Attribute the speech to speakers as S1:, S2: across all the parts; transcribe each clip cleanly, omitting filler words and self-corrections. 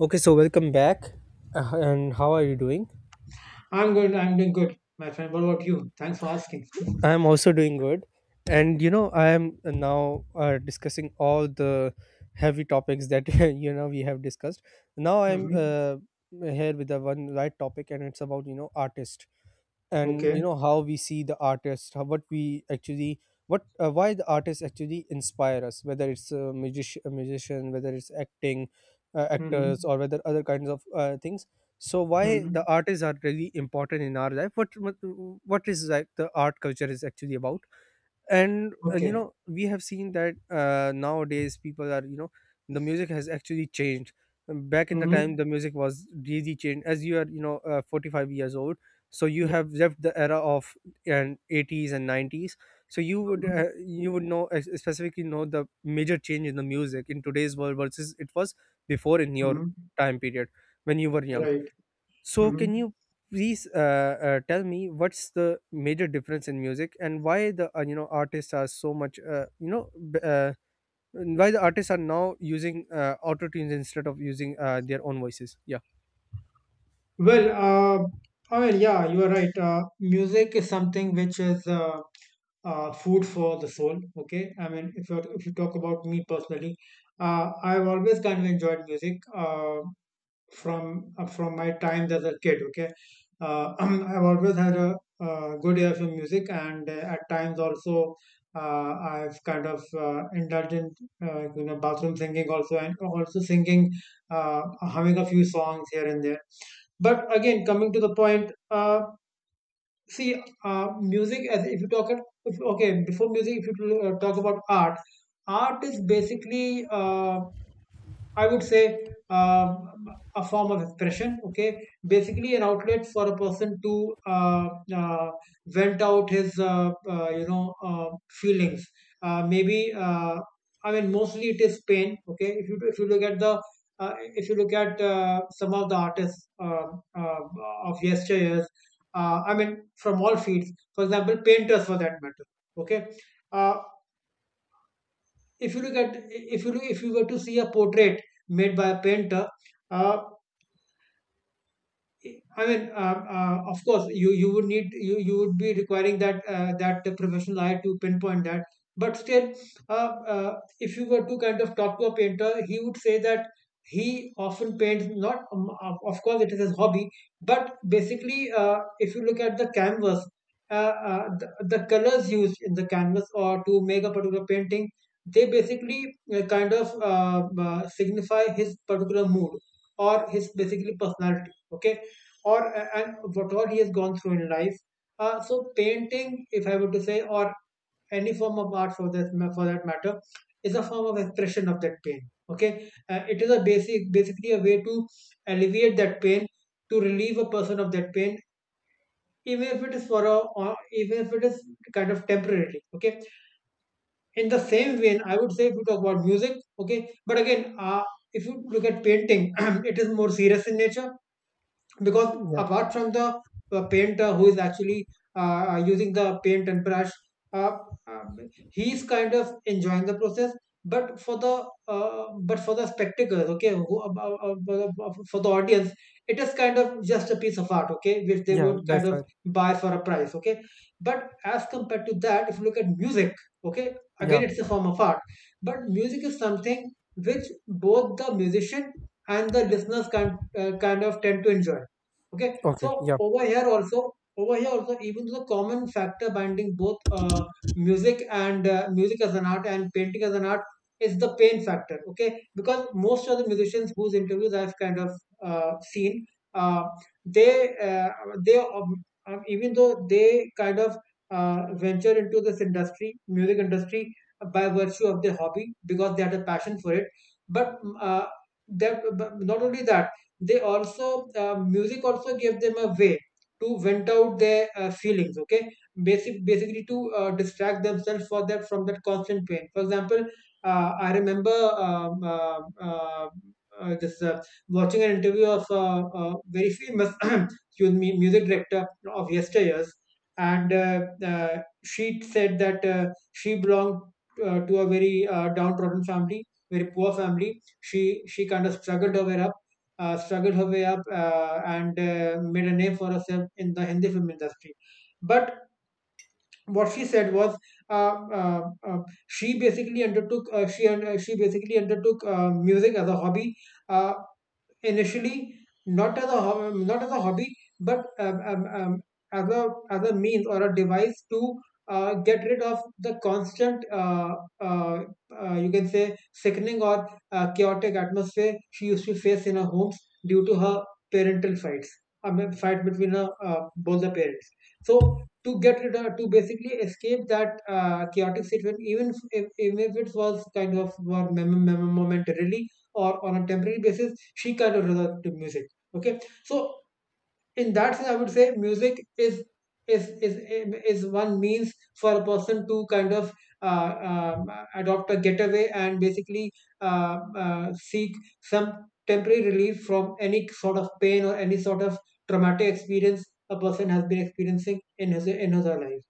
S1: Okay, so welcome back. And how are you doing?
S2: I'm good. I'm doing good, my friend. What about you? Thanks for asking.
S1: I am also doing good. I am now discussing all the heavy topics that we have discussed. Now I'm
S2: Mm-hmm.
S1: here with the one light topic, and it's about artist and you
S2: Okay.
S1: know how we see the artist, what we actually what why the artists actually inspire us, whether it's a musician, whether it's acting, actors,
S2: Mm-hmm.
S1: or whether other kinds of things. So why
S2: Mm-hmm.
S1: the artists are really important in our life, what is like the art culture is actually about. And
S2: Okay.
S1: we have seen that nowadays people are you know the music has actually changed. Back in the time
S2: Mm-hmm.
S1: the music was really changed, as you are you know 45 years old, so you
S2: Yeah.
S1: have left the era of and 80s and 90s, so
S2: Mm-hmm.
S1: you would know specifically know the major change in the music in today's world versus it was before in your
S2: Mm-hmm.
S1: time period when you were young.
S2: Right.
S1: So,
S2: Mm-hmm.
S1: can you please tell me what's the major difference in music and why the artists are so much why the artists are now using auto tunes instead of using their own voices? Yeah.
S2: Well, oh, well, yeah, you are right. Music is something which is food for the soul. Okay. I mean, if you talk about me personally, I've always kind of enjoyed music. From my times as a kid. Okay, I've always had a good ear for music, and at times also, I've kind of indulged in, bathroom singing also, and also singing, humming a few songs here and there. But again, coming to the point, see, music as if you talk at if, okay, before music, if you talk about art, art is basically I would say um, a form of expression. Okay, basically an outlet for a person to uh, vent out his feelings. Maybe, I mean, mostly it is pain. Okay, if you look at some of the artists, uh, of yesteryears, I mean from all fields. For example, painters, for that matter. Okay, uh, if you look at, if you were to see a portrait made by a painter, uh, I mean, of course, you would be requiring that the professional eye to pinpoint that. But still, uh, uh, if you were to kind of talk to a painter, he would say that he often paints not, of course, it is his hobby, but basically, if you look at the canvas, uh, uh, the, the colors used in the canvas or to make a particular painting, they basically kind of signify his particular mood, or his, basically, personality. Okay. Or and what all he has gone through in life. So painting, if I were to say, or any form of art, for that matter, is a form of expression of that pain. Okay, it is basically a way to alleviate that pain, to relieve a person of that pain, even if it is for a, or even if it is kind of temporarily. Okay, in the same vein, I would say, if you talk about music. Okay, but again, if you look at painting, it is more serious in nature, because
S1: Yeah,
S2: apart from the painter who is actually using the paint and brush, uh, um, he is kind of enjoying the process, but for the spectators, okay, who, for the audience, it is kind of just a piece of art, okay, which they
S1: yeah,
S2: would
S1: that's
S2: kind of
S1: right.
S2: buy for a price, okay. But as compared to that, if you look at music, okay, again,
S1: Yeah,
S2: it's a form of art, but music is something which both the musician and the listeners kind of tend to enjoy, okay.
S1: okay,
S2: So
S1: yeah,
S2: over here also over here also, even though the common factor binding both music, and music as an art and painting as an art, is the pain factor, okay, because most of the musicians whose interviews I've kind of seen, uh, they uh, they even though they kind of uh, venture into this industry music industry by virtue of their hobby, because they had a passion for it, but uh, but not only that, they also music also gave them a way to vent out their feelings, okay. Basically to distract themselves for that from that constant pain. For example, I remember, this watching an interview of a very famous excuse me, music director of yesteryears. And uh, she said that, she belonged to a very downtrodden family, very poor family. She she kind of struggled her way up, and made a name for herself in the Hindi film industry. But what she said was, uh, uh, uh, she basically undertook music as a hobby. Uh, Initially, not as a hobby, but as a means, or a device, to get rid of the constant, uh, you can say, sickening, or chaotic atmosphere she used to face in her homes, due to her parental fights. I mean, fight between her, both the parents. So, to get rid of to basically escape that chaotic situation, even if it was kind of more, momentarily, or on a temporary basis, she kind of resort to music, okay. So, in that sense, I would say music is is is one means for a person to kind of uh, um, adopt a getaway, and basically uh, seek some temporary relief from any sort of pain or any sort of traumatic experience a person has been experiencing in his or her life.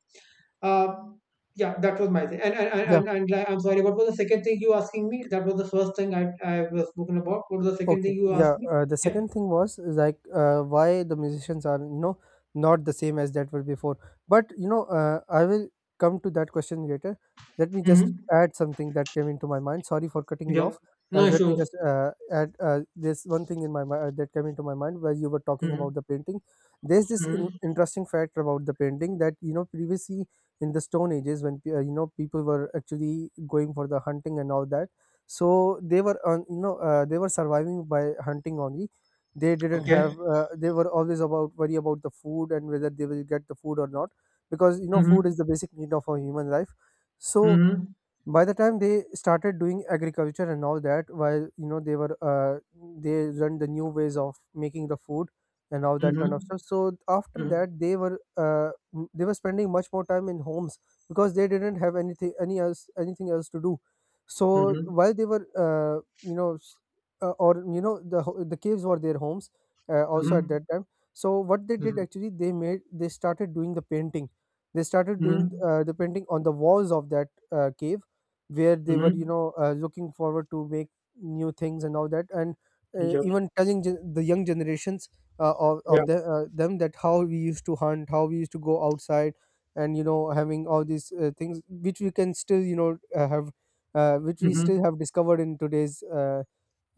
S2: um, yeah, that was my thing. And and, and
S1: yeah.
S2: and and like, I'm sorry, what was the second thing you asking me? That was the first thing I was spoken about. What was the second thing
S1: Okay,
S2: you asked
S1: yeah.
S2: me?
S1: The
S2: Yeah.
S1: second thing was is like why the musicians are you know not the same as that were before. But you know, I will come to that question later. Let me just
S2: Mm-hmm.
S1: add something that came into my mind. Sorry for cutting you
S2: Yeah.
S1: off.
S2: No
S1: Let me
S2: issues.
S1: just add this one thing in my mind that came into my mind while you were talking
S2: Mm-hmm.
S1: about the painting. There's this
S2: Mm-hmm.
S1: interesting fact about the painting that you know previously in the Stone Ages when you know people were actually going for the hunting and all that, so they were on you know they were surviving by hunting only. They didn't
S2: Okay.
S1: have they were always about worry about the food and whether they will get the food or not, because you know food
S2: Mm-hmm.
S1: is the basic need of a human life. So
S2: Mm-hmm.
S1: by the time they started doing agriculture and all that, while you know they were they learned the new ways of making the food and all that kind of
S2: Mm-hmm.
S1: stuff. So after that they were they were spending much more time in homes because they didn't have anything any else anything else to do. So
S2: Mm-hmm.
S1: while they were or you know the the caves were their homes also at
S2: Mm-hmm.
S1: that time. So what they did
S2: Mm-hmm.
S1: actually they made they started doing the painting. They started doing
S2: Mm-hmm.
S1: the painting on the walls of that cave where they were you
S2: Mm-hmm.
S1: know looking forward to make new things and all that, and
S2: Yep.
S1: even telling the young generations
S2: Yeah.
S1: them that how we used to hunt, how we used to go outside and you know having all these things which we can still you know have which we
S2: Mm-hmm.
S1: still have discovered in today's uh,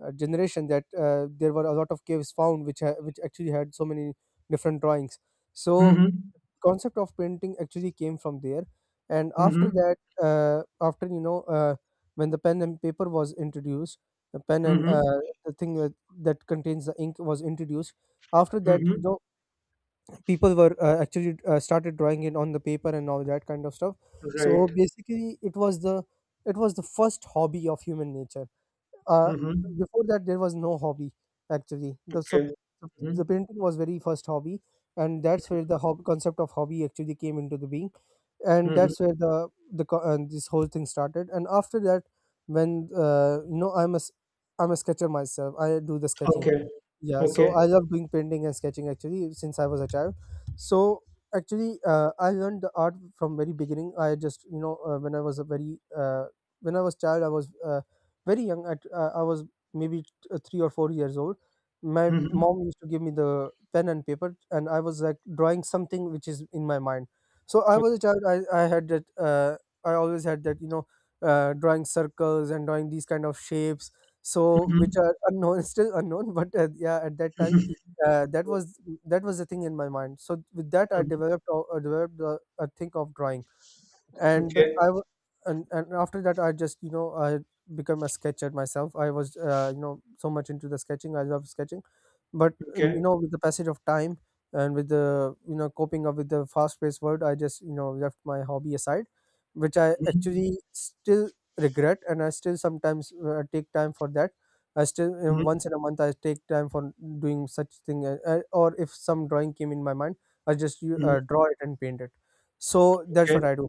S1: uh, generation, that there were a lot of caves found which which actually had so many different drawings. So
S2: Mm-hmm.
S1: concept of painting actually came from there, and after
S2: Mm-hmm.
S1: that after you know when the pen and paper was introduced, the pen and
S2: Mm-hmm.
S1: the thing with, that contains the ink was introduced. After that you
S2: Mm-hmm.
S1: know people were actually started drawing it on the paper and all that kind of stuff. So
S2: Right.
S1: basically it was the first hobby of human nature. Uh,
S2: Mm-hmm.
S1: before that there was no hobby actually the so
S2: Okay. Mm-hmm.
S1: the painting was very first hobby, and that's where the concept of hobby actually came into the being, and
S2: Mm-hmm.
S1: that's where the this whole thing started. And after that when you know I'm a sketcher myself, I do the sketching.
S2: Okay.
S1: Yeah, so
S2: Okay.
S1: I love doing painting and sketching actually since I was a child. So actually, I learned the art from very beginning. I just you know when I was a very when I was child, I was very young. At I was maybe 3 or 4 years old. My
S2: Mm-hmm.
S1: mom used to give me the pen and paper, and I was like drawing something which is in my mind. So I
S2: Okay.
S1: was a child. I had that. I always had that you know drawing circles and drawing these kind of shapes so which are unknown still unknown, but yeah at that time
S2: Mm-hmm.
S1: uh, that was that was the thing in my mind. So with that
S2: Mhm.
S1: I developed a thing of drawing. And
S2: Okay.
S1: and after that I just you know I become a sketcher myself. I was you know so much into the sketching. I love sketching, but you
S2: Okay.
S1: know with the passage of time and with the you know coping up with the fast paced world, I just you know left my hobby aside, which I
S2: Mhm.
S1: actually still regret, and I still sometimes take time for that. I still you know,
S2: Mhm.
S1: once in a month I take time for doing such thing, or if some drawing came in my mind, I just
S2: Mhm.
S1: draw it and paint it. So that's
S2: Okay.
S1: what I do,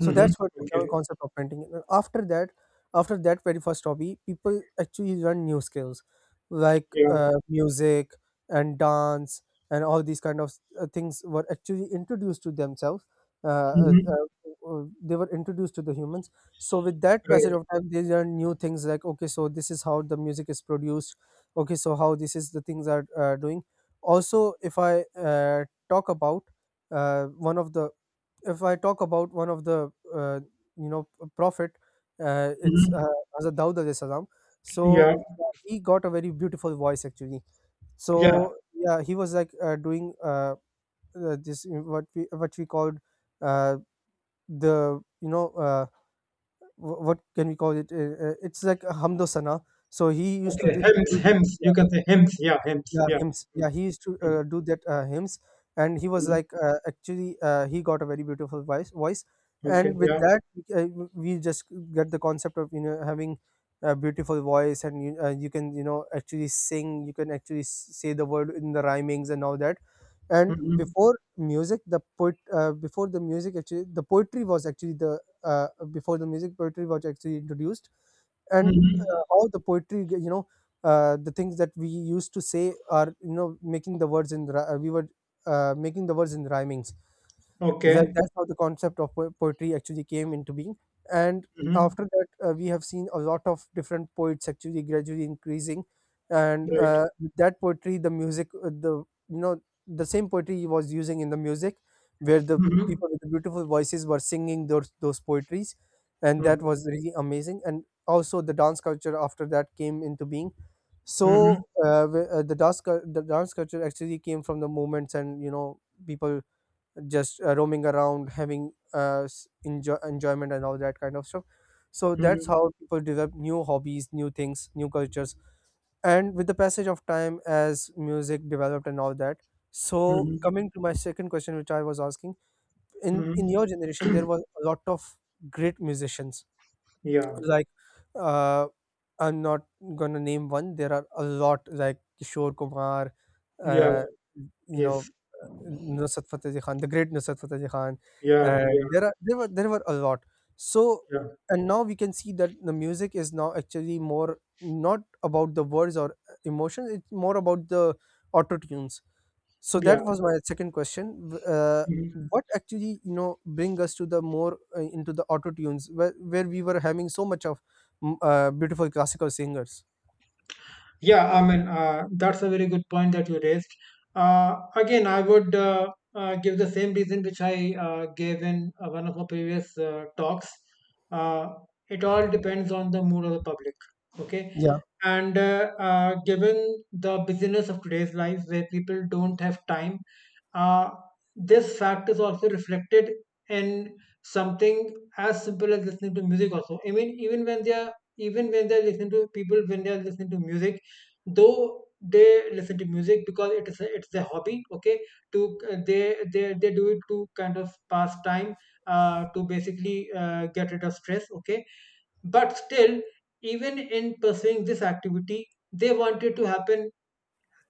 S1: so that's what the
S2: Okay.
S1: concept of painting is. And after that, after that very first hobby, people actually learn new skills like
S2: Yeah.
S1: music and dance and all these kind of things were actually introduced to themselves. Uh, uh,
S2: Mhm.
S1: uh, they were introduced to the humans. So with that passage
S2: Right.
S1: of time, they learn new things like okay, so this is how the music is produced. Okay, so how this is the things are doing. Also, if I talk about one of the if I talk about one of the prophet, it's
S2: Mhm.
S1: Hazrat Daud alayhi salam. So
S2: Yeah.
S1: yeah, he got a very beautiful voice actually. So
S2: Yeah.
S1: yeah, he was like doing this what we called uh, the you know what can we call it? It's like a hamdosana. So he used to
S2: Okay. Hems.
S1: do that.
S2: Hems. You
S1: Yeah.
S2: can say hems. Yeah. Hems.
S1: Yeah,
S2: Yeah.
S1: hymns. Yeah, he used to
S2: Mhm.
S1: do that hymns, and he was
S2: Mhm.
S1: like actually he got a very beautiful voice.
S2: Okay.
S1: And with
S2: Yeah.
S1: that uh, we just get the concept of you know having a beautiful voice, and you you can you know actually sing. You can actually say the word in the rhymings and all that. And
S2: Mhm.
S1: before music, the poet before the music actually the poetry was actually the before the music poetry was actually introduced, and
S2: Mhm.
S1: all the poetry you know the things that we used to say are you know making the words in we were making the words in rhymings, that
S2: Okay.
S1: that's how the concept of poetry actually came into being. And
S2: Mhm.
S1: after that we have seen a lot of different poets actually gradually increasing, and
S2: Right.
S1: with that poetry the music the you know the same poetry he was using in the music, where the
S2: Mhm.
S1: people with the beautiful voices were singing those poetries, and that
S2: Mhm.
S1: was really amazing. And also the dance culture after that came into being.
S2: Mhm.
S1: So the the dance culture actually came from the movements and you know people just roaming around having enjoyment and all that kind of stuff. So that's
S2: Mhm.
S1: how people develop new hobbies, new things, new cultures. And with the passage of time as music developed and all that, so
S2: Mhm.
S1: coming to my second question which I was asking, in
S2: Mhm.
S1: your generation there was a lot of great musicians
S2: Yeah.
S1: like uh, I'm not gonna name one. There are a lot, like Kishore Kumar,
S2: Yeah.
S1: uh, you know,
S2: Yes.
S1: Nusrat Fateh Ali Khan, the great Nusrat Fateh Ali Khan,
S2: Yeah. Yeah.
S1: and there were a lot. So
S2: Yeah.
S1: and now we can see that the music is now actually more not about the words or emotions. It's more about the auto tunes. So
S2: Yeah.
S1: that was my second question.
S2: Mhm.
S1: What actually you know bring us to the more into the auto tunes, where we were having so much of beautiful classical singers.
S2: Yeah, I mean, that's a very good point that you raised. Again, I would give the same reason which I gave in one of my previous talks. Uh, it all depends on the mood of the public, okay?
S1: Yeah,
S2: And given the busyness of today's life where people don't have time, uh, this fact is also reflected in something as simple as listening to music also. I mean, even when they're listening to people when they're listening to music, though they listen to music because it's a hobby, okay. To they do it to kind of pass time, to basically get rid of stress, okay. But still, even in pursuing this activity, they want it to happen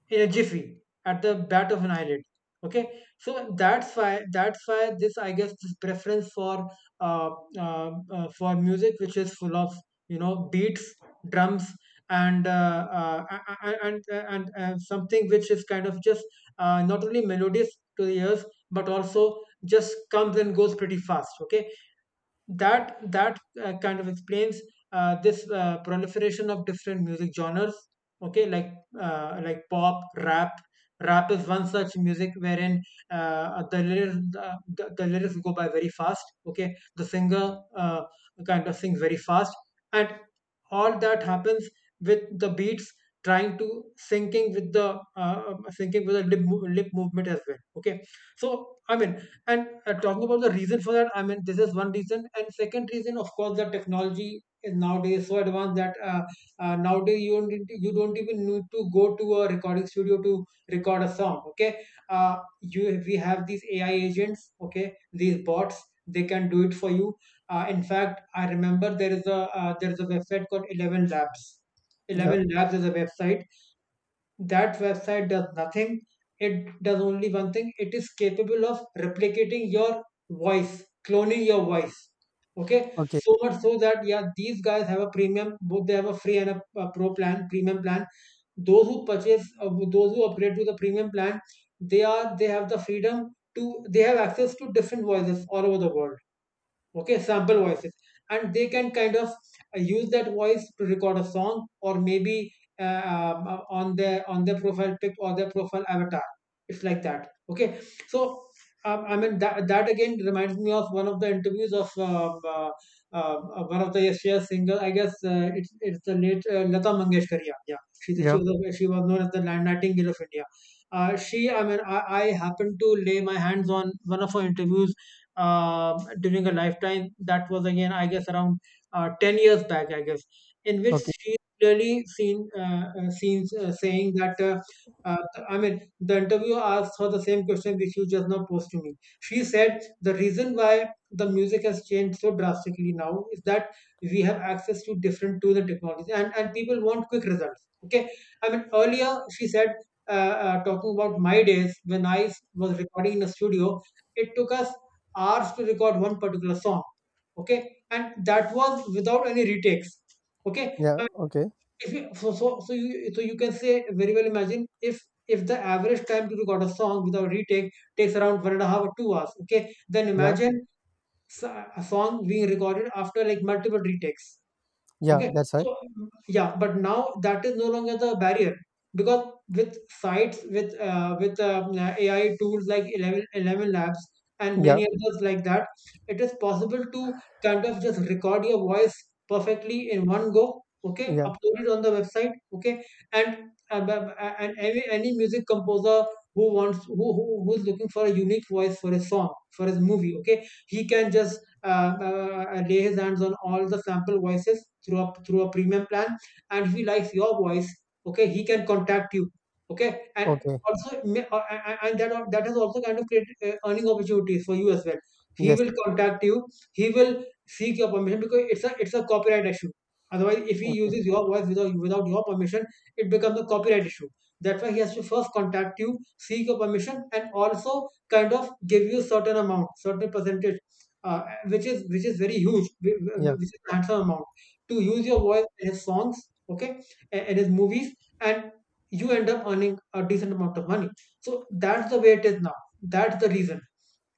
S2: in a jiffy, at the bat of an eyelid, okay. So that's why, this, I guess, this preference for, uh, music which is full of, beats, drums, and something which is kind of just not only melodious to the ears, but also just comes and goes pretty fast, okay. That kind of explains this proliferation of different music genres, okay, like, pop, rap. Rap is one such music wherein uh, the lyrics go by very fast, okay. The singer kind of sings very fast, and all that happens with the beats, trying to, syncing with the syncing with the lip movement as well, okay. So, I mean, and talking about the reason for that, I mean, this is one reason. And, second reason, of course, the technology is nowadays so advanced that nowadays you don't need to- you don't even need to go to a recording studio to record a song. Okay, uh, you we have these AI agents. Okay, these bots, they can do it for you. In fact, I remember there is a, website called Eleven Labs.
S1: yeah,
S2: Eleven Labs is a website. That website does nothing, it does only one thing: it is capable of replicating your voice, cloning your voice. Okay,
S1: okay,
S2: so much so that, yeah, these guys have a premium both, they have a free and a pro plan, premium plan. Those who purchase, those who upgrade to the premium plan, they have the freedom to, they have access to different voices all over the world. Okay, sample voices. And they can kind of use that voice to record a song, or maybe on their profile pic or their profile avatar. It's like that. Okay, so I mean, that again reminds me of one of the interviews of one of the yeshia singer, I guess, it's the late, Lata Mangeshkar. Yeah, yeah, she
S1: yeah,
S2: was she was known as the Nightingale of India. She, I mean, I happened to lay my hands on one of her interviews during her lifetime. That was again, I guess, around 10 years back, I guess, in which
S1: okay,
S2: she clearly seen seen saying that. Uh, I mean, the interviewer asked her the same question which you just now posed to me. She said the reason why the music has changed so drastically now is that we have access to different tools and technologies, and people want quick results. Okay, I mean, earlier she said, talking about my days when I was recording in a studio, it took us hours to record one particular song. Okay, and that was without any retakes. Okay,
S1: yeah, okay,
S2: if you so so, so you can say, very well imagine if the average time to record a song without retake takes around 1.5 or 2 hours. Okay, then
S1: yeah,
S2: imagine a song being recorded after, like, multiple retakes.
S1: yeah,
S2: Okay.
S1: that's right.
S2: So, yeah, but now that is no longer the barrier, because with sites with AI tools like Eleven Labs and
S1: Yeah,
S2: many others like that, it is possible to kind of just record your voice perfectly in one go. Okay,
S1: yeah,
S2: upload it on the website. Okay, and any music composer who wants who who's looking for a unique voice for his song, for his movie. Okay, he can just lay his hands on all the sample voices through a premium plan, and if he likes your voice, okay, he can contact you. Okay, and
S1: okay,
S2: that has also kind of created, earning opportunities for you as well. He
S1: yes,
S2: will contact you, he will seek your permission, because it's a copyright issue. Otherwise, if he
S1: okay,
S2: uses your voice without your permission, it becomes a copyright issue. That's why he has to first contact you, seek your permission, and also kind of give you certain amount, certain percentage, uh, which is very huge, whi- whi-
S1: yeah,
S2: which is a handsome amount to use your voice in his songs, okay, in his movies, and you end up earning a decent amount of money. So that's the way it is now. That's the reason.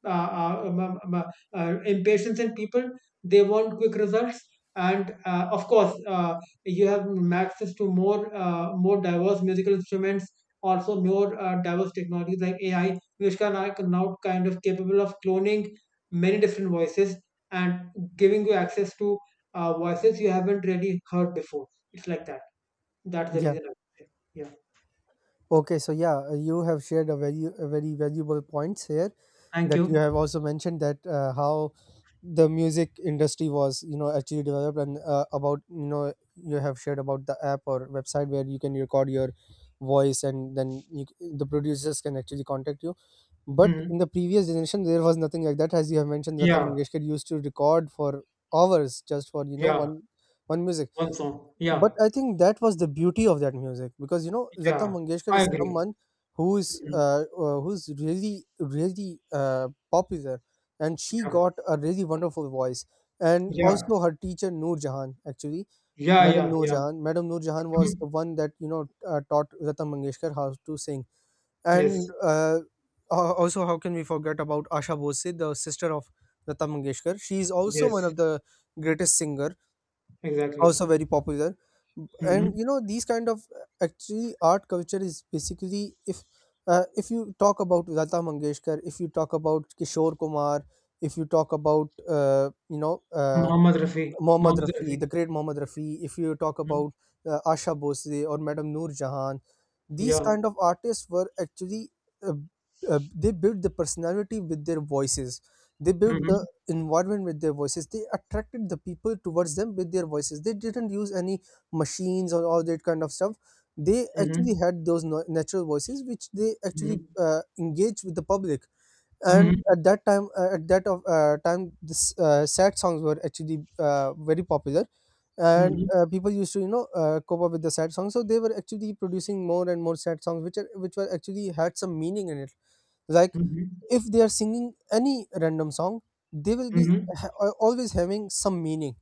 S2: Uh, uh, um, um, um, uh, Impatience in people, they want quick results, and of course, you have access to more, more diverse musical instruments. Also, more diverse technologies like AI, which can are now kind of capable of cloning many different voices, and giving you access to voices you haven't really heard before. It's like that. That's the
S1: yeah.
S2: reason, I would say. Yeah.
S1: Okay, so yeah, you have shared a very valuable points here
S2: Thank
S1: that you
S2: you.
S1: have also mentioned that how the music industry was actually developed, and about you have shared about the app or website where you can record your voice, and then the producers can actually contact you. But
S2: Hmm.
S1: in the previous generation there was nothing like that, as you have mentioned Lata
S2: Yeah.
S1: Mangeshkar used to record for hours just for
S2: Yeah.
S1: one music.
S2: One song. Yeah.
S1: But I think that was the beauty of that music, because Lata
S2: Yeah.
S1: Mangeshkar
S2: I
S1: is
S2: agree.
S1: someone
S2: Mhm.
S1: who's really really popular, and she
S2: Yeah.
S1: got a really wonderful voice. And
S2: Yeah.
S1: also her teacher Noor Jahan, actually,
S2: Yeah.
S1: Madam
S2: Yeah.
S1: Noor
S2: Yeah.
S1: Jahan. Madam Noor Jahan was
S2: Mhm.
S1: the one that taught Lata Mangeshkar how to sing.
S2: Yes.
S1: And also, how can we forget about Asha Bose, the sister of Lata Mangeshkar? She is also one
S2: Yes.
S1: of the greatest singer, also
S2: Exactly.
S1: very popular.
S2: Hmm.
S1: And these kind of actually art culture is basically if you talk about Lata Mangeshkar, if you talk about Kishore Kumar, if you talk about
S2: Muhammad Rafi.
S1: Mohammad
S2: Muhammad Rafi.
S1: Rafi, the great Mohammad Rafi, if you talk
S2: Mhm.
S1: about Asha Bose or Madam Noor Jahan, these
S2: Yeah.
S1: kind of artists were actually uh, they built the personality with their voices. They built the
S2: Hmm.
S1: environment with their voices. They attracted the people towards them with their voices. They didn't use any machines or all that kind of stuff. They actually
S2: Hmm.
S1: had those natural voices, which they actually
S2: Hmm.
S1: engaged with the public. And
S2: Hmm.
S1: at that time, at that of time, this sad songs were actually very popular, and
S2: Hmm.
S1: people used to cope up with the sad songs, so they were actually producing more and more sad songs which are which were actually had some meaning in it, like
S2: Hmm.
S1: if they are singing any random song, they will be
S2: Hmm.
S1: always having some meaning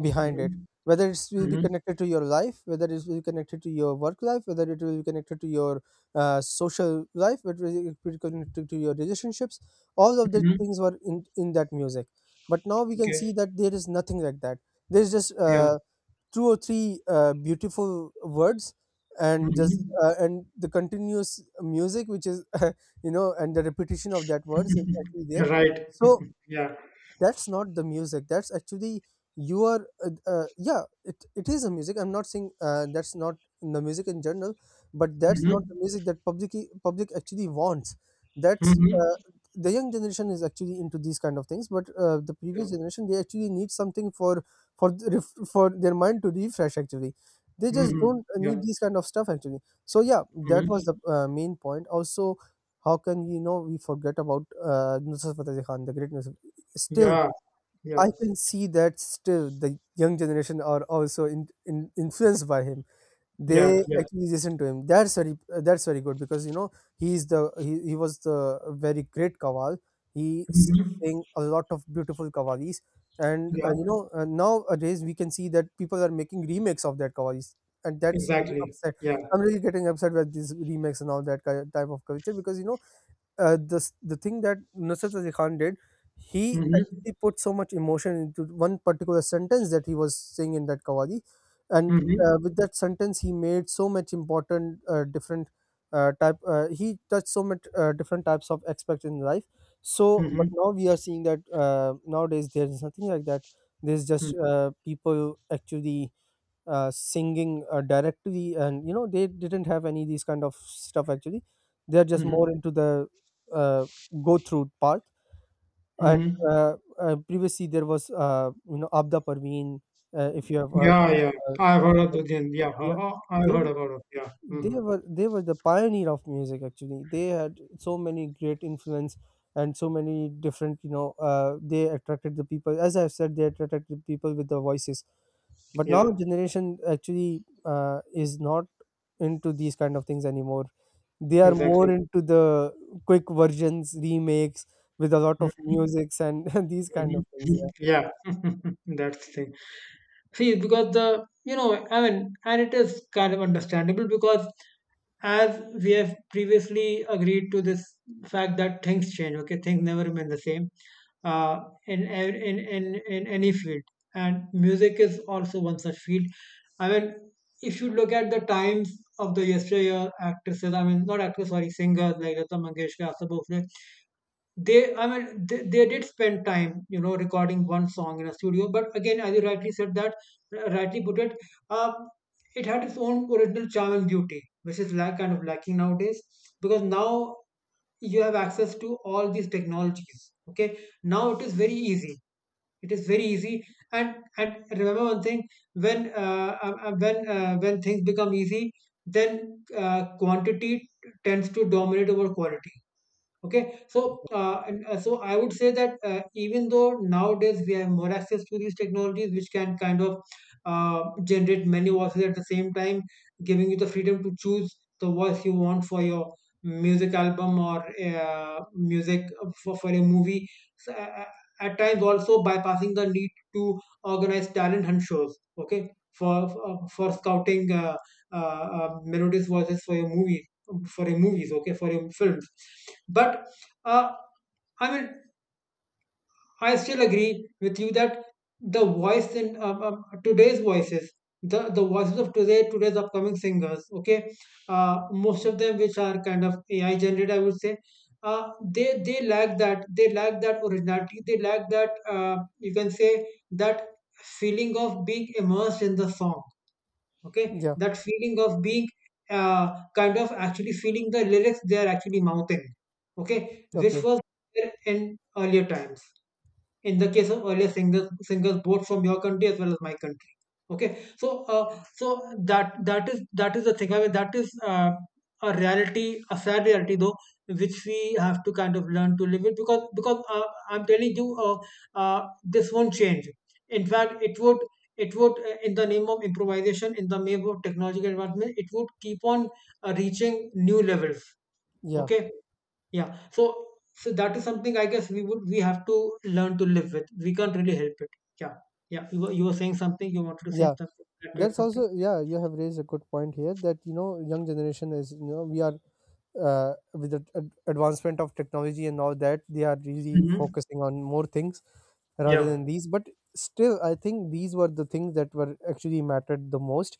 S1: behind it,
S2: Hmm.
S1: whether it will be
S2: Hmm.
S1: connected to your life, whether it will be connected to your work life, whether it will be connected to your social life, whether it will be connected to your relationships, all of the
S2: Hmm.
S1: things were in that music. But now we can
S2: Okay.
S1: see that there is nothing like that. There's just
S2: Yeah.
S1: two or three beautiful words, and just
S2: Mhm.
S1: and the continuous music, which is and the repetition of that words is actually there.
S2: You're right.
S1: So
S2: Yeah.
S1: that's not the music. That's actually you are yeah, it is a music. I'm not saying that's not in the music in general, but that's not
S2: Mhm.
S1: the music that public actually wants. That's
S2: Mhm.
S1: the young generation is actually into these kind of things, but the
S2: Yeah.
S1: previous generation, they actually need something for for their mind to refresh actually. They just
S2: Mhm.
S1: don't need
S2: Yeah.
S1: these kind of stuff actually. So yeah, that
S2: Mhm.
S1: was the main point also. How can we forget about Nusrat Fateh Ali Khan, the great Nusrat. Still,
S2: Yeah. Yeah.
S1: I can see that still the young generation are also influenced by him.
S2: Yeah.
S1: They
S2: Yeah.
S1: actually listen to him. That's very good, because he was the very great Kawal. He
S2: Mhm.
S1: sang a lot of beautiful Kawalis, and
S2: Yeah.
S1: nowadays we can see that people are making remakes of that Kawalis, and that's really
S2: Exactly.
S1: upset.
S2: Yeah.
S1: I'm really getting upset with these remakes and all that type of culture, because the thing that Nusrat Ali Khan did, he
S2: Mhm.
S1: actually put so much emotion into one particular sentence that he was saying in that kawali. And
S2: Mhm.
S1: with that sentence, he made so much important different type. He touched so much different types of aspects in life. So, but
S2: Mhm.
S1: now we are seeing that nowadays there is nothing like that. There's
S2: Mhm.
S1: just people actually singing directly, and they didn't have any these kind of stuff actually. They're just
S2: Mhm.
S1: more into the uh, go through part, and
S2: Mhm.
S1: previously there was Abda Parveen. If you have heard,
S2: Yeah. Yeah.
S1: uh,
S2: I've heard of Dudyan. Yeah.
S1: yeah,
S2: I've
S1: they
S2: heard about it. Yeah. Mhm.
S1: they were the pioneer of music actually. They had so many great influence, and so many different they attracted the people, as I've said, they attracted the people with their voices. But now
S2: Yeah.
S1: generation actually is not into these kind of things anymore. They are more
S2: Exactly.
S1: into the quick versions, remakes, with a lot of
S2: Mhm.
S1: musics and these kind
S2: Mhm.
S1: of things. Yeah.
S2: Yeah. That's the thing. See, because I mean, and it is kind of understandable, because as we have previously agreed to this fact that things change, okay, things never remain the same, uh, in, ev- in any field. And music is also one such field. I mean, if you look at the times of the yesteryear actresses, I mean, not actresses, sorry, singers like Lata Mangeshkar, Asa Bhosle, they I mean they did spend time, you know, recording one song in a studio, but again, as you rightly said, that rightly put it, uh, it had its own original charm and beauty, which is lack kind of lacking nowadays, because now you have access to all these technologies. Okay, now it is very easy, it is very easy. And remember one thing: when when things become easy, then quantity tends to dominate over quality. Okay, so so I would say that even though nowadays we have more access to these technologies, which can kind of generate many voices at the same time, giving you the freedom to choose the voice you want for your music album, or music, for a movie, so, at times also bypassing the need to organize talent hunt shows, okay, for scouting melodious voices for your movies, for your movies, okay, for your films. But uh, I mean, I still agree with you that the voice in today's voices, the voices of today, today's upcoming singers, okay, most of them which are kind of AI generated, I would say, they lack that originality, they lack that, you can say, that feeling of being immersed in the song. Okay,
S1: Yeah,
S2: that feeling of being uh, kind of actually feeling the lyrics they are actually mouthing. Okay, which
S1: okay,
S2: was there in earlier times, in the case of earlier singers both from your country as well as my country. Okay, so so that is the thing, I mean, that is a reality, a sad reality, though, which we have to kind of learn to live with, because I'm telling you, uh, this won't change. In fact, it would, in the name of improvisation, in the name of technological advancement, it would keep on reaching new levels.
S1: yeah,
S2: Okay, yeah. So that is something, I guess, we have to learn to live with. We can't really help it. Yeah. Yeah. You were saying something, you wanted to say
S1: yeah,
S2: something, like, to add
S1: that's
S2: something.
S1: also yeah, you have raised a good point here, that young generation is, we are with the advancement of technology and all that, they are really
S2: Hmm.
S1: focusing on more things rather
S2: Yeah.
S1: than these. But still I think these were the things that were actually mattered the most.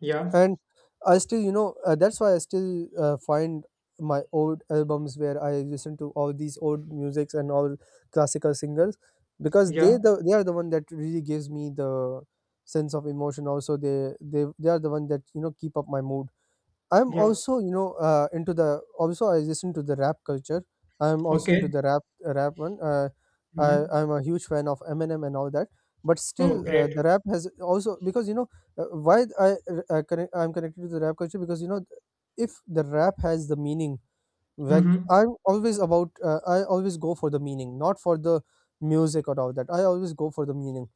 S2: Yeah.
S1: And I still that's why I still find my old albums where I listen to all these old musics and all classical singers, because
S2: Yeah.
S1: they are the one that really gives me the sense of emotion. Also they are the one that keep up my mood. I'm
S2: Yeah.
S1: also, into the also I listen to the rap culture. I'm also into
S2: Okay.
S1: the rap, rap one. I
S2: Hmm.
S1: I'm a huge fan of Eminem and all that. But
S2: Oh,
S1: still,
S2: great.
S1: the rap has also, because uh, why I I'm connected to the rap culture, because if the rap has the meaning, like
S2: Hmm.
S1: I always go for the meaning, not for the music or all that. I always go for the meaning,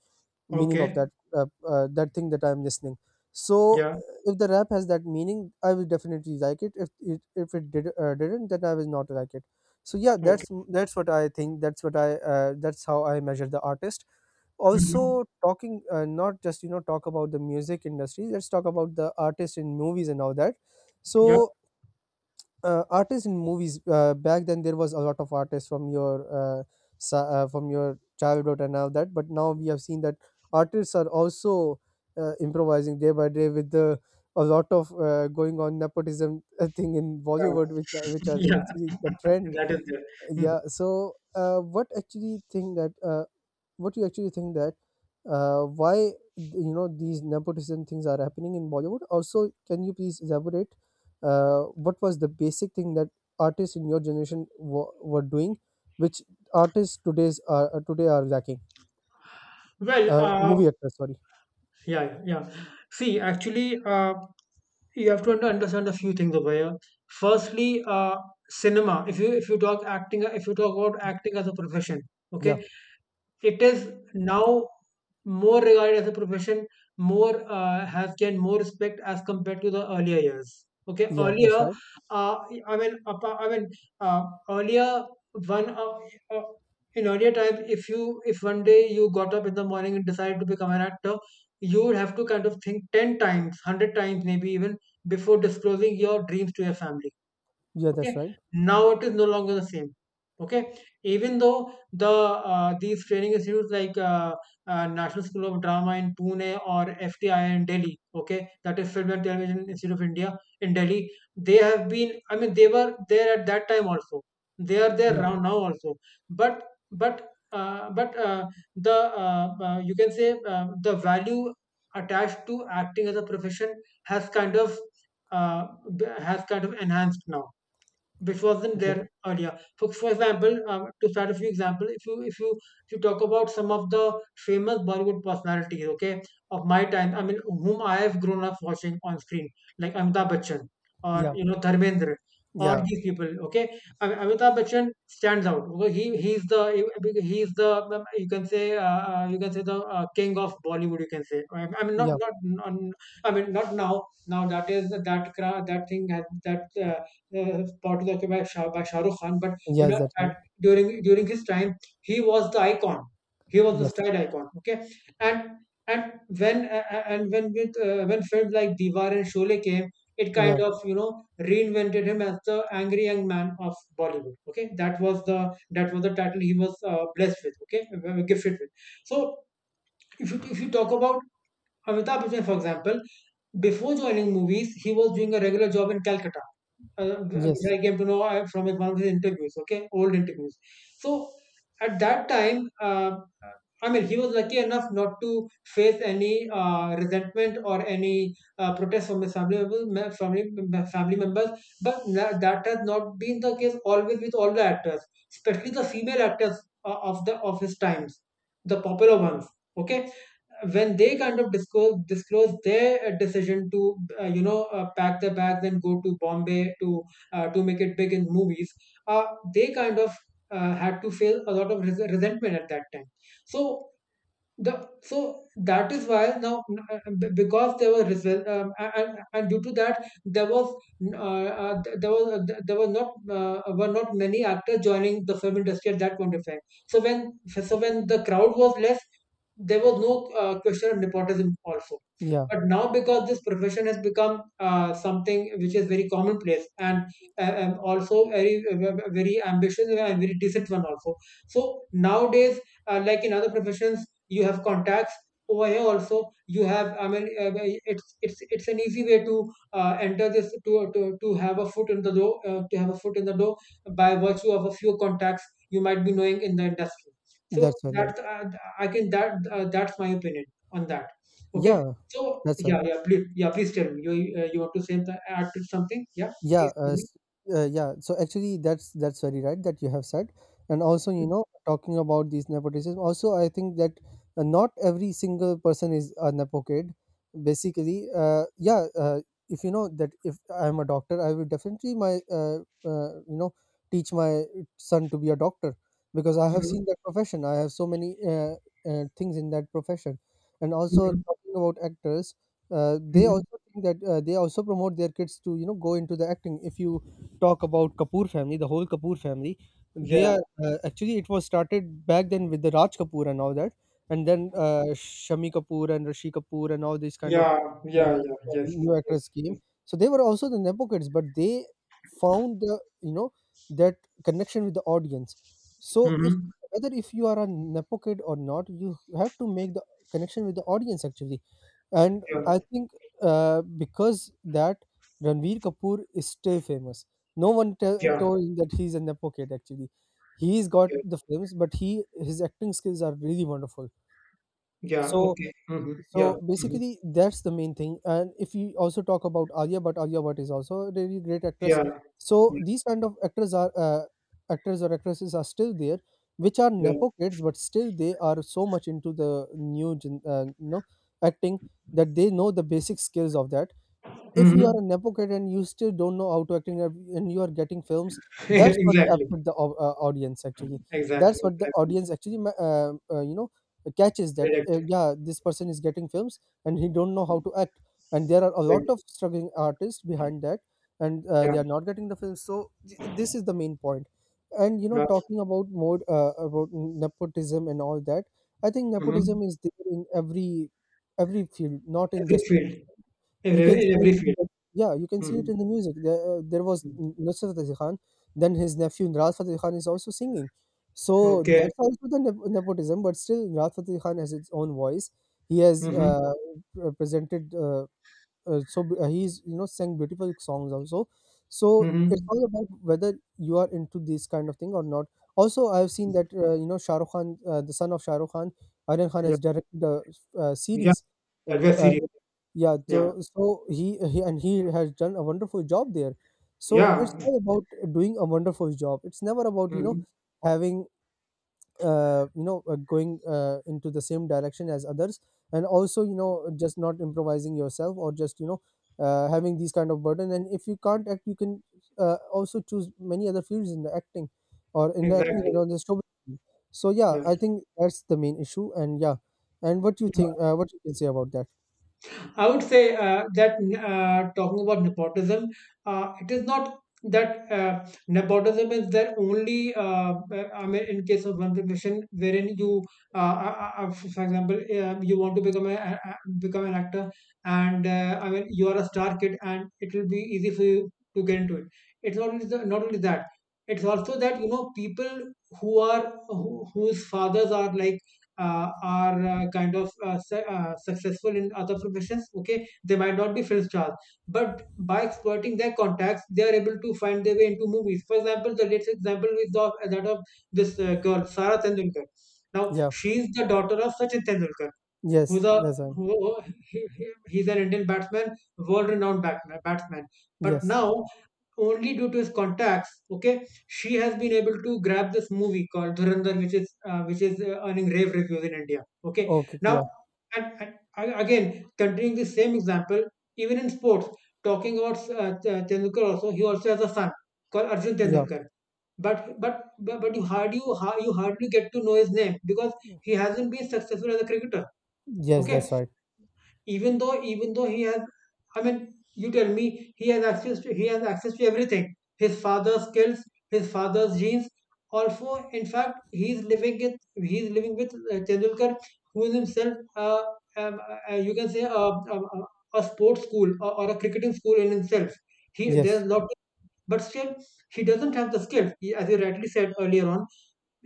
S1: of
S2: Okay.
S1: that that thing that I'm listening. So
S2: Yeah.
S1: if the rap has that meaning, I will definitely like it. If it didn't, then I will not like it. So yeah,
S2: Okay.
S1: that's what I think. That's how I measure the artist.
S2: Hmm.
S1: Also, talking not just talk about the music industry. Let's talk about the artist in movies and all that.
S2: Yeah.
S1: So artists in movies, back then there was a lot of artists from your uh, from your childhood and all that. But now we have seen that artists are also improvising day by day, with the a lot of going on nepotism thing in Bollywood, which is
S2: Yeah.
S1: actually
S2: Yeah.
S1: the trend.
S2: That is there. Mhm.
S1: Yeah, so what you actually think that why these nepotism things are happening in Bollywood? Also, can you please elaborate what was the basic thing that artists in your generation were doing, which artists today are lacking?
S2: Well,
S1: Movie actors, sorry.
S2: yeah, yeah, yeah. See, actually, you have to understand a few things over here. Firstly, cinema. If you talk acting, if you talk about acting as a profession,
S1: Yeah,
S2: okay, it is now more regarded as a profession, more has gained more respect as compared to the earlier years. Okay,
S1: yeah, that's
S2: earlier,
S1: right.
S2: uh, I mean, I mean, uh, earlier one uh, in earlier time, if one day you got up in the morning and decided to become an actor, you would have to kind of think 10 times, 100 times, maybe even, before disclosing your dreams to your family.
S1: Yeah,
S2: Okay,
S1: that's right.
S2: now it is no longer the same. Okay, even though the these training institutes like National School of Drama in Pune or FTI in Delhi, okay, that is Film and Television Institute of India in Delhi, they have been I mean they were there at that time also, they are there
S1: Yeah.
S2: now, now also, but but but the you can say, the value attached to acting as a profession has kind of uh, has kind of enhanced now, which wasn't
S1: Okay.
S2: there earlier. For example, to start a few examples, if you talk about some of the famous Bollywood personalities, okay, of my time, I mean, whom I have grown up watching on screen, like Amitabh Bachchan or,
S1: Yeah.
S2: you know, Dharmendra or
S1: Yeah.
S2: these people, okay. I mean, Amitabh Bachchan stands out. Okay? He's the, you can say, you can say, the, king of Bollywood. You can say, I mean, not
S1: Yeah.
S2: not, not I mean, not now, now that is that thing has that. Part is occupied by Shah Rukh Khan, but, you
S1: Yeah.
S2: know,
S1: That's right.
S2: at during his time, he was the icon. He was the
S1: Yes.
S2: style icon. Okay, and and when with when films like Diwar and Sholay came, it kind
S1: Yeah.
S2: of, you know, reinvented him as the angry young man of Bollywood. Okay, that was the title he was, blessed with. Okay, gifted with. So if you talk about Amitabh Bachchan, for example, before joining movies, he was doing a regular job in Calcutta, uh, which
S1: Yes.
S2: I came to know from one of his interviews, okay, old interviews. So at that time, I mean, he was lucky enough not to face any, resentment or any, protest from his family members, family, family members. That has not been the case always with all the actors, especially the female actors of the of his times, the popular ones. Okay, when they kind of disclose their decision to pack their bags and go to Bombay to make it big in movies, uh, they kind of had to feel a lot of resentment at that time. So so that is why now, because there were result a- and due to that there was uh, there were not many actors joining the film industry at that point of time. So when the crowd was less, there was no question of nepotism also.
S1: Yeah.
S2: But now, because this profession has become something which is very commonplace, and also very very ambitious and very decent one also. So nowadays, like in other professions you have contacts, over here also you have, I mean, it's an easy way to enter this, to have a foot in the door by virtue of a few contacts you might be knowing in the industry. So
S1: That's right. Right.
S2: that's I can that that's my opinion on that. Okay,
S1: Yeah.
S2: so
S1: That's right.
S2: yeah, please tell me, you you want to add to something, yeah,
S1: Yeah,
S2: please tell me.
S1: yeah. So actually, that's very right that you have said. And also talking about these nepotism, also I think that not every single person is a nepo kid. Basically, yeah. If you know that if I'm a doctor, I will definitely my uh, you know teach my son to be a doctor, because I have
S2: Mhm,
S1: seen that profession. I have so many things in that profession. And also
S2: mhm,
S1: talking about actors, they
S2: mhm.
S1: also think that they also promote their kids to go into the acting. If you talk about Kapoor family, the whole Kapoor family, they
S2: Yeah,
S1: are actually it was started back then with the Raj Kapoor and all that, and then Shami Kapoor and Rishi Kapoor and all these kind of
S2: yeah, yeah,
S1: uh,
S2: yeah, yes,
S1: new
S2: yes,
S1: actors came.
S2: yes.
S1: So they were also the nepo kids, but they found the you know that connection with the audience. So if
S2: Hmm.
S1: whether if you are a nepo kid or not, you have to make the connection with the audience actually. And
S2: Yeah,
S1: I think because that Ranveer Kapoor is still famous. No one tell
S2: yeah.
S1: told him that he's a nepo kid. Actually, he's got
S2: Yeah.
S1: the films, but he his acting skills are really wonderful.
S2: Yeah.
S1: So
S2: Okay. Hmm. Yeah.
S1: so
S2: Hmm.
S1: basically, that's the main thing. And if we also talk about Alia, but Alia Bhatt is also a really great actress.
S2: Yeah.
S1: So
S2: Yeah.
S1: these kind of actors or actresses are still there, which are
S2: Yeah.
S1: nepo kids, but still they are so much into the new gen, acting, that they know the basic skills of that. If you are
S2: Hmm.
S1: an advocate and you still don't know how to acting and you are getting films, that's what
S2: Exactly.
S1: affect the audience actually.
S2: Exactly.
S1: That's what the
S2: Exactly.
S1: audience actually catches, that
S2: Correct.
S1: yeah, this person is getting films and he don't know how to act. And there are a lot
S2: Correct.
S1: of struggling artists behind that, and
S2: Yeah.
S1: they are not getting the films. So this is the main point. And
S2: Yeah.
S1: talking about more about nepotism and all that, I think
S2: Hmm.
S1: nepotism is there in every field, not in
S2: Every
S1: just.
S2: field.
S1: You can
S2: Every, in
S1: see it
S2: every
S1: in
S2: field.
S1: the Yeah, you can see it
S2: Hmm.
S1: in the music. There, there was Nusrat Fateh Khan, then his nephew Nraz Fateh Khan is also singing. So
S2: Okay.
S1: that's also the nepotism, but still Nraz Fateh Khan has its own voice. He has
S2: Hmm.
S1: presented he's sang beautiful songs also. So it's
S2: Hmm.
S1: all about whether you are into this kind of thing or not. Also I've seen that Shahrukh Khan, the son of Shahrukh Khan, Aryan Khan,
S2: Yeah.
S1: has directed a,
S2: Yeah.
S1: series, uh,
S2: That was
S1: uh,
S2: serious.
S1: yeah.
S2: Yeah.
S1: So he has done a wonderful job there. So it's
S2: Yeah.
S1: all about doing a wonderful job. It's never about
S2: Hmm.
S1: having going into the same direction as others. And also just not improvising yourself, or just having these kind of burden. And if you can't act, you can also choose many other fields in the acting, or in the acting or
S2: Exactly.
S1: on the show. So yeah,
S2: Yeah.
S1: I think that's the main issue. And yeah, and what you think what you can say about that?
S2: I would say that talking about nepotism, it is not that nepotism is there only. I mean, in case of one profession, wherein you, for example, you want to become become an actor, and I mean, you are a star kid, and it will be easy for you to get into it. It's not only not only that. It's also that you know people whose fathers are like are kind of successful in other professions. Okay, they might not be film stars, but by exploiting their contacts they are able to find their way into movies. For example, the latest example is of that of this girl, Sara Tendulkar. Now,
S1: Yeah,
S2: she is the daughter of Sachin Tendulkar, who's
S1: yes,
S2: a
S1: that's right,
S2: who he- he's an Indian batsman, world-renowned batsman. But
S1: yes,
S2: now, only due to his contacts, okay, she has been able to grab this movie called Dhurandhar, which is earning rave reviews in India. Okay,
S1: okay,
S2: now
S1: yeah,
S2: and a- again, continuing the same example, even in sports, talking about Tendulkar also, he also has a son called Arjun
S1: yeah,
S2: Tendulkar. But you you hardly get to know his name because he hasn't been successful as a cricketer.
S1: yes, that's
S2: Okay,
S1: right,
S2: even though he has, I mean, you tell me, he has access to he has access to everything, his father's skills, his father's genes, also in fact he's living it, he's living with Tendulkar, who is himself um, you can say a sports school, or a cricketing school in himself. He there's
S1: yes,
S2: lot. But still he doesn't have the skills. He- as you rightly said earlier on,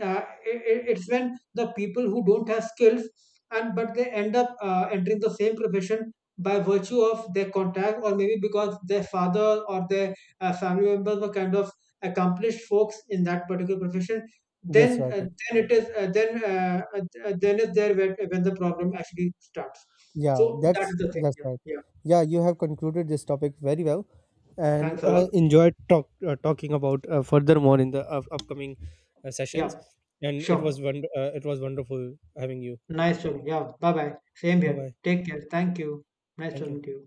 S2: uh, it, it's when the people who don't have skills, and but they end up entering the same profession by virtue of their contact, or maybe because their father or their family members were kind of accomplished folks in that particular profession,
S1: yes, right.
S2: then it is then is there when the problem actually starts.
S1: Yeah,
S2: So that
S1: that's
S2: is the thing.
S1: that's
S2: Yeah,
S1: right.
S2: yeah.
S1: Yeah, you have concluded this topic very well, and
S2: Thanks a lot.
S1: enjoyed talking about furthermore in the upcoming sessions.
S2: Yeah,
S1: And it was
S2: sure,
S1: it was wonderful having you.
S2: nice talking, yeah, bye bye. Same
S1: Bye
S2: here.
S1: bye.
S2: Take care, thank you. Nice
S1: Thank you.
S2: talking to you.